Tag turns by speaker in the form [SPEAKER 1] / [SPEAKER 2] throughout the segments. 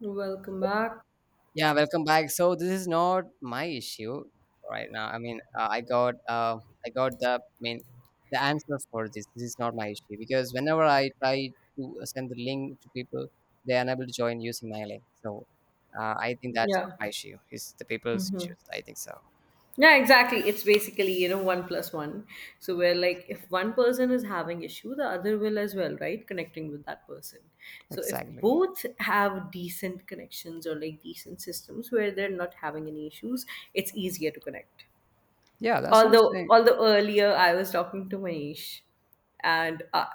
[SPEAKER 1] Welcome back.
[SPEAKER 2] Yeah, welcome back. So this is not my issue right now. I mean, I got the I mean the answer for this. This is not my issue because whenever I try to send the link to people, they are unable to join using my link. So I think that's
[SPEAKER 1] Yeah.
[SPEAKER 2] not my issue. It's the people's
[SPEAKER 1] Hmm.
[SPEAKER 2] issues. I think so.
[SPEAKER 1] Yeah, exactly. It's basically, one plus one. So where like if one person is having issue, the other will as well, right? Connecting with that person. So if
[SPEAKER 2] Exactly.
[SPEAKER 1] both have decent connections or like decent systems where they're not having any issues, it's easier to connect.
[SPEAKER 2] Yeah, that's what I'm
[SPEAKER 1] although
[SPEAKER 2] saying.
[SPEAKER 1] although earlier I was talking to Manish, and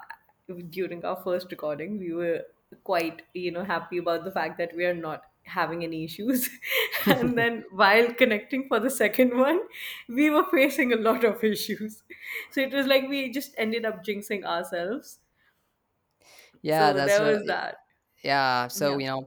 [SPEAKER 1] during our first recording, we were quite happy about the fact that we are not having any issues, and then while connecting for the second one, we were facing a lot of issues. So it was like we just ended up jinxing ourselves.
[SPEAKER 2] Yeah,
[SPEAKER 1] So
[SPEAKER 2] that's
[SPEAKER 1] there was
[SPEAKER 2] right.
[SPEAKER 1] that.
[SPEAKER 2] Yeah, so
[SPEAKER 1] Yeah.
[SPEAKER 2] you know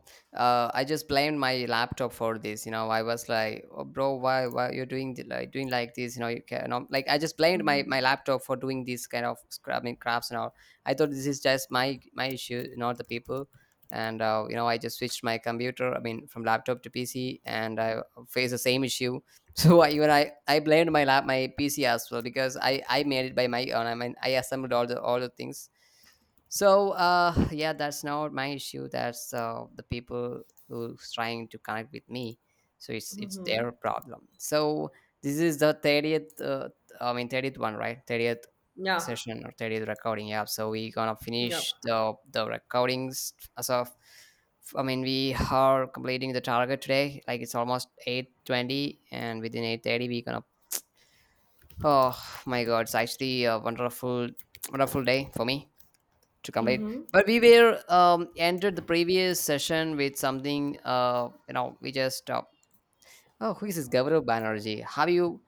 [SPEAKER 2] uh, I just blamed my laptop for this. I was like, oh, bro, why you're doing like doing like this. You can not like I just blamed my laptop for doing this kind of I mean, crafts and all. I thought this is just my issue, not the people. And I just switched my computer. I mean, from laptop to PC, and I face the same issue. So even i blamed my PC as well, because i made it by my own. I mean, I assembled all the things. So yeah, that's not my issue. That's the people who's trying to connect with me. So it's
[SPEAKER 1] Hmm.
[SPEAKER 2] their problem. So this is the 30th. I mean 30th one, right? 30th
[SPEAKER 1] Yeah.
[SPEAKER 2] session or 30th recording. Yeah. So we gonna
[SPEAKER 1] Yeah.
[SPEAKER 2] finish the recordings as of. I mean, we are completing the target today. Like, it's almost 8:20, and within 8:30, we gonna. Oh my God! It's actually a wonderful, wonderful day for me to complete, but we were entered the previous session with something. We just Oh, who is this Gaurav Banerjee? Have you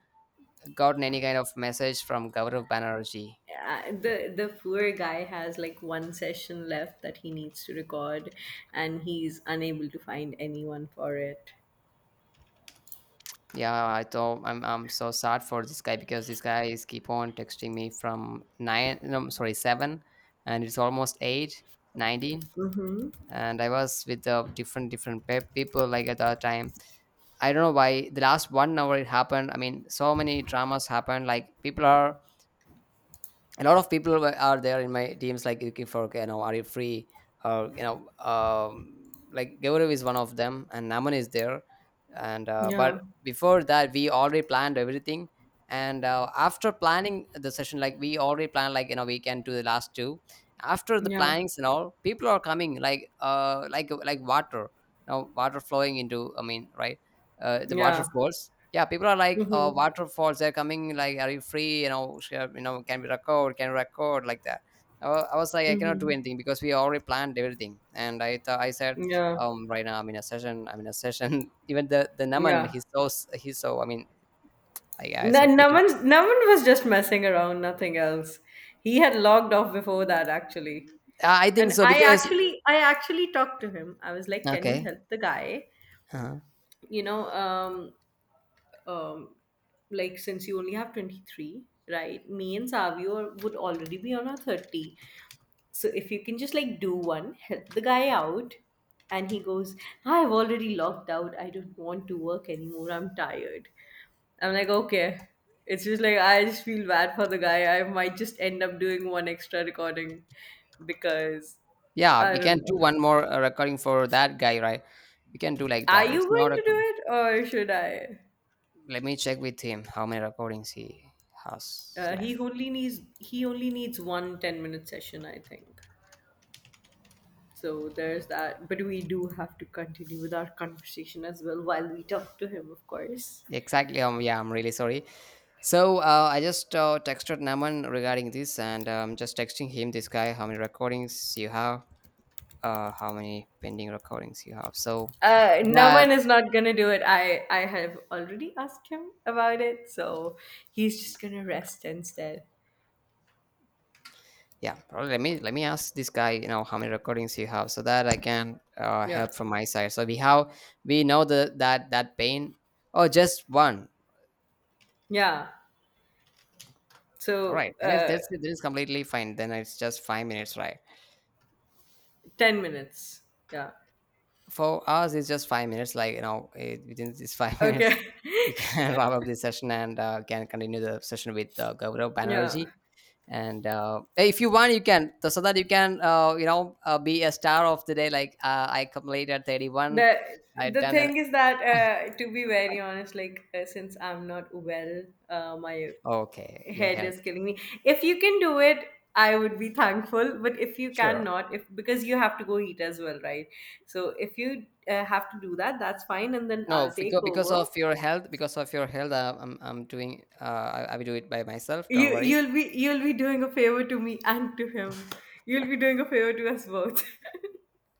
[SPEAKER 2] gotten any kind of message from Gaurav Banerjee?
[SPEAKER 1] The poor guy has like one session left that he needs to record, and he's unable to find anyone for it.
[SPEAKER 2] Yeah, I thought I'm so sad for this guy, because this guy is keep on texting me from nine, no sorry, seven, and it's almost 8:19. And I was with the different different people, like, at that time. I don't know why the last one hour it happened. I mean, so many dramas happened. Like, people are a lot of people are there in my teams, like, looking for, okay, you know, are you free? Or like, Gaurav is one of them, and Naman is there. And But
[SPEAKER 1] Yeah,
[SPEAKER 2] before that we already planned everything. And after planning the session, like, we already planned, like, we can do the last two. After the
[SPEAKER 1] yeah,
[SPEAKER 2] plannings and all, people are coming like like water. Now water flowing into, I mean, right. The water
[SPEAKER 1] yeah.
[SPEAKER 2] falls. Yeah, people are like, "Oh,
[SPEAKER 1] Mm-hmm.
[SPEAKER 2] waterfalls, they're coming, like, are you free? You know, can we record? Can we record?" Like that. I was like, I cannot do
[SPEAKER 1] Mm-hmm.
[SPEAKER 2] anything because we already planned everything. And I thought I said,
[SPEAKER 1] Yeah,
[SPEAKER 2] right now I'm in a session. I'm in a session. Even the Naman,
[SPEAKER 1] yeah.
[SPEAKER 2] he's so. I mean, I
[SPEAKER 1] No,
[SPEAKER 2] so
[SPEAKER 1] no
[SPEAKER 2] pity.
[SPEAKER 1] one, no one was just messing around, nothing else. He had logged off before that, actually.
[SPEAKER 2] I think
[SPEAKER 1] And
[SPEAKER 2] so because.
[SPEAKER 1] I actually talked to him. I was like, "Can you
[SPEAKER 2] Okay.
[SPEAKER 1] help the guy?
[SPEAKER 2] Uh-huh.
[SPEAKER 1] You know, um, um, like since you only have 23, right, me and savio would already be on our 30, so if you can just like do one, help the guy out." And he goes, "I've already logged out. I don't want to work anymore. I'm tired." I'm like, "Okay." It's just like I just feel bad for the guy. I might just end up doing one extra recording because
[SPEAKER 2] Yeah,
[SPEAKER 1] I
[SPEAKER 2] we can
[SPEAKER 1] don't know.
[SPEAKER 2] do one more recording for that guy, right? We can do like
[SPEAKER 1] Are
[SPEAKER 2] that.
[SPEAKER 1] you
[SPEAKER 2] It's not
[SPEAKER 1] going
[SPEAKER 2] a.
[SPEAKER 1] to do it, or should I?
[SPEAKER 2] Let me check with him how many recordings he has
[SPEAKER 1] Uh,
[SPEAKER 2] left.
[SPEAKER 1] he only needs he only needs 1 10-minute session, I think. So there's that. But we do have to continue with our conversation as well while we talk to him, of course.
[SPEAKER 2] Exactly. Yeah, I'm really sorry. So I just texted Naman regarding this, and just texting him, this guy, how many recordings you have, how many pending recordings you have. So that,
[SPEAKER 1] Naman is not gonna do it. I have already asked him about it, so he's just gonna rest instead.
[SPEAKER 2] yeah, probably, let me ask this guy, you know, how many recordings you have, so that I can
[SPEAKER 1] Yeah,
[SPEAKER 2] help from my side. So we know the that pain. Oh, just one.
[SPEAKER 1] yeah.
[SPEAKER 2] All
[SPEAKER 1] So
[SPEAKER 2] right, then it's that's it. Then it's completely fine. Then it's just 5 minutes, right?
[SPEAKER 1] 10 minutes. Yeah.
[SPEAKER 2] For us, it's just 5 minutes. Like, you know, within these five
[SPEAKER 1] Okay.
[SPEAKER 2] minutes, we can wrap up this session and can continue the session with Gaurav
[SPEAKER 1] Yeah.
[SPEAKER 2] Banerjee. And if you want, you can so that you can be a star of the day. Like I completed 31.
[SPEAKER 1] the
[SPEAKER 2] I
[SPEAKER 1] the
[SPEAKER 2] done an.
[SPEAKER 1] thing is that to be very honest, like, since I'm not well, my
[SPEAKER 2] Okay. Your
[SPEAKER 1] head
[SPEAKER 2] health,
[SPEAKER 1] is killing me. If you can do it, I would be thankful, but if you
[SPEAKER 2] sure.
[SPEAKER 1] cannot, if because you have to go eat as well, right? So if you have to do that, that's fine, and then
[SPEAKER 2] No,
[SPEAKER 1] I'll
[SPEAKER 2] because
[SPEAKER 1] take over.
[SPEAKER 2] of your health, because of your health, I'm doing. I will do it by myself. Don't
[SPEAKER 1] you
[SPEAKER 2] worry.
[SPEAKER 1] you'll be you'll be doing a favor to me and to him. You'll be doing a favor to us both.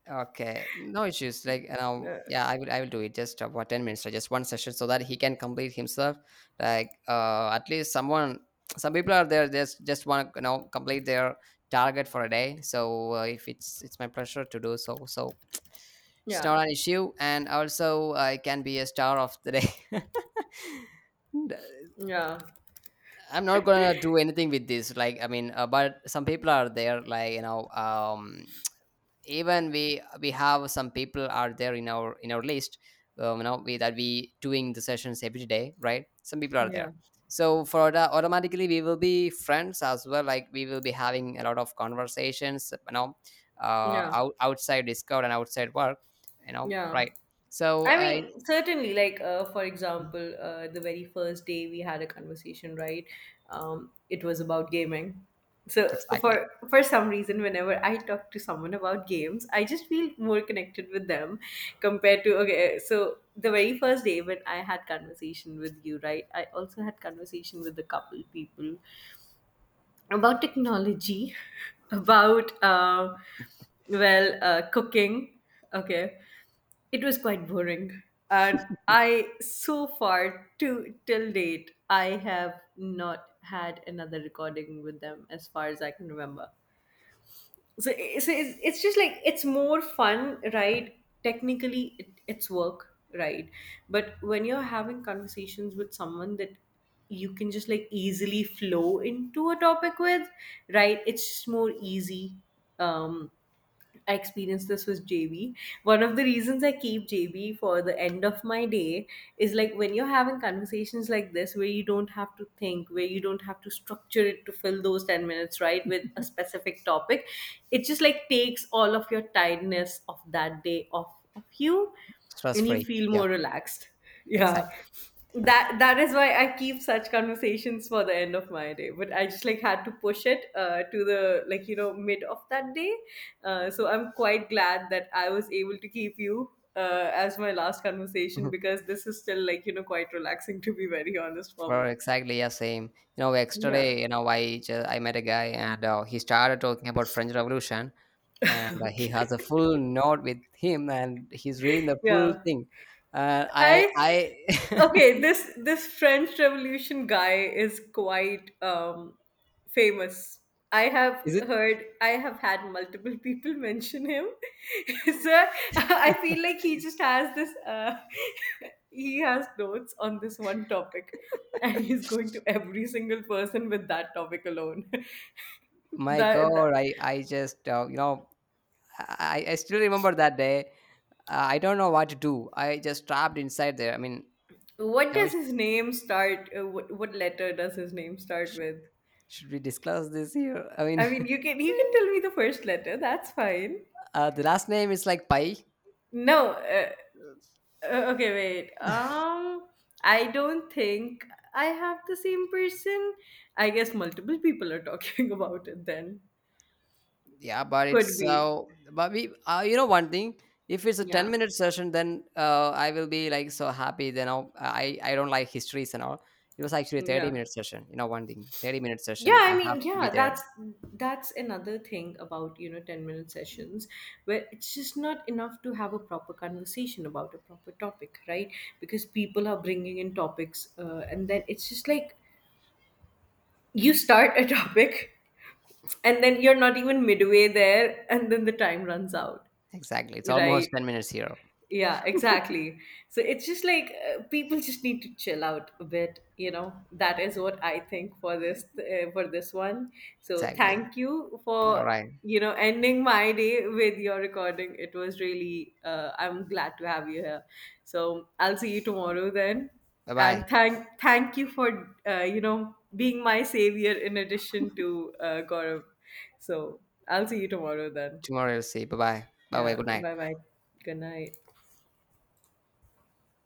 [SPEAKER 2] Okay, no issues. Like, you know,
[SPEAKER 1] Uh,
[SPEAKER 2] yeah, I will do it. Just about 10 minutes, or just one session, so that he can complete himself. Like, at least someone, some people are there. Just want to, you know, complete their target for a day. So, if it's my pleasure to do so. So, it's
[SPEAKER 1] yeah,
[SPEAKER 2] not an issue, and also I can be a star of the day. And,
[SPEAKER 1] yeah,
[SPEAKER 2] I'm not gonna do anything with this. Like, I mean, but some people are there. Like, even we have some people are there in our list. You know, that we doing the sessions every day, right? Some people are
[SPEAKER 1] yeah,
[SPEAKER 2] there. So for the automatically we will be friends as well, like, we will be having a lot of conversations, you know,
[SPEAKER 1] yeah,
[SPEAKER 2] outside Discord and outside work, you know,
[SPEAKER 1] yeah.
[SPEAKER 2] right? so
[SPEAKER 1] I
[SPEAKER 2] uh,
[SPEAKER 1] mean, certainly, like, for
[SPEAKER 2] Mhm.
[SPEAKER 1] example, the very first day we had a conversation, right? It was about gaming. So for
[SPEAKER 2] Exactly.
[SPEAKER 1] for some reason, whenever I talk to someone about games, I just feel more connected with them compared to okay. So the very first day when I had conversation with you, right? I also had conversation with a couple people about technology, about well, cooking. Okay, it was quite boring. And so far, to till date, I have not had another recording with them as far as I can remember. So, so it's just like it's more fun, right? Technically, it's work, right? But when you're having conversations with someone that you can just like easily flow into a topic with, right? It's just more easy. Um, I experienced this with JB. One of the reasons I keep JB for the end of my day is like when you're having conversations like this, where you don't have to think, where you don't have to structure it to fill those 10 minutes, right, with a specific topic, it just like takes all of your tiredness of that day off of you
[SPEAKER 2] stress
[SPEAKER 1] and you
[SPEAKER 2] free
[SPEAKER 1] feel
[SPEAKER 2] yeah.
[SPEAKER 1] more relaxed. Yeah,
[SPEAKER 2] Exactly.
[SPEAKER 1] that that is why I keep such conversations for the end of my day, but I just like had to push it to the, mid of that day. So I'm quite glad that I was able to keep you as my last conversation, because this is still quite relaxing, to be very honest, for
[SPEAKER 2] for
[SPEAKER 1] me.
[SPEAKER 2] Exactly, yeah, same.
[SPEAKER 1] Yeah.
[SPEAKER 2] Yesterday, I met a guy, and he started talking about French Revolution. And he
[SPEAKER 1] Okay.
[SPEAKER 2] has a full note with him, and he's reading the full
[SPEAKER 1] Yeah.
[SPEAKER 2] thing.
[SPEAKER 1] I.
[SPEAKER 2] I
[SPEAKER 1] Okay, this French Revolution guy is quite famous.
[SPEAKER 2] Is it?
[SPEAKER 1] I have had multiple people mention him. So I feel like he just has this he has notes on this one topic, and he's going to every single person with that topic alone.
[SPEAKER 2] My
[SPEAKER 1] That,
[SPEAKER 2] God,
[SPEAKER 1] that,
[SPEAKER 2] I just you know I still remember that day. I don't know what to do. I just trapped inside there, I mean.
[SPEAKER 1] what
[SPEAKER 2] Now,
[SPEAKER 1] does his name start, what letter does his name start
[SPEAKER 2] sh- sh-
[SPEAKER 1] with?
[SPEAKER 2] should we discuss this here, I mean?
[SPEAKER 1] I mean, you can, you can tell me the first letter. That's fine.
[SPEAKER 2] The last name is like Pai.
[SPEAKER 1] No. Okay, wait. I don't think I have the same person. I guess multiple people are talking about it, then.
[SPEAKER 2] Yeah, but it's
[SPEAKER 1] Could be.
[SPEAKER 2] so. But one thing. If it's a
[SPEAKER 1] Yeah.
[SPEAKER 2] ten-minute session, then I will be like so happy. Then I don't like histories and all. It was actually a
[SPEAKER 1] Yeah.
[SPEAKER 2] 30-minute session. You know, one thing, 30-minute
[SPEAKER 1] Yeah,
[SPEAKER 2] session. I
[SPEAKER 1] I
[SPEAKER 2] have
[SPEAKER 1] mean,
[SPEAKER 2] to be
[SPEAKER 1] yeah,
[SPEAKER 2] there.
[SPEAKER 1] that's another thing about, you know, 10-minute sessions, where it's just not enough to have a proper conversation about a proper topic, right? Because people are bringing in topics, and then it's just like you start a topic, and then you're not even midway there, and then the time runs out,
[SPEAKER 2] Exactly. It's almost
[SPEAKER 1] right?
[SPEAKER 2] 10 minutes here.
[SPEAKER 1] Yeah, exactly. So it's just like, people just need to chill out a bit, you know. That is what I think for this, for this one. So
[SPEAKER 2] Exactly.
[SPEAKER 1] thank you for
[SPEAKER 2] All right.
[SPEAKER 1] ending my day with your recording. It was really I'm glad to have you here. So I'll see you tomorrow then.
[SPEAKER 2] Bye bye.
[SPEAKER 1] And thank you for being my savior in addition to Gaurav. So I'll see you tomorrow then.
[SPEAKER 2] Tomorrow we'll see. Bye bye. Bye bye.
[SPEAKER 1] Yeah,
[SPEAKER 2] Good night.
[SPEAKER 1] bye bye. Good night.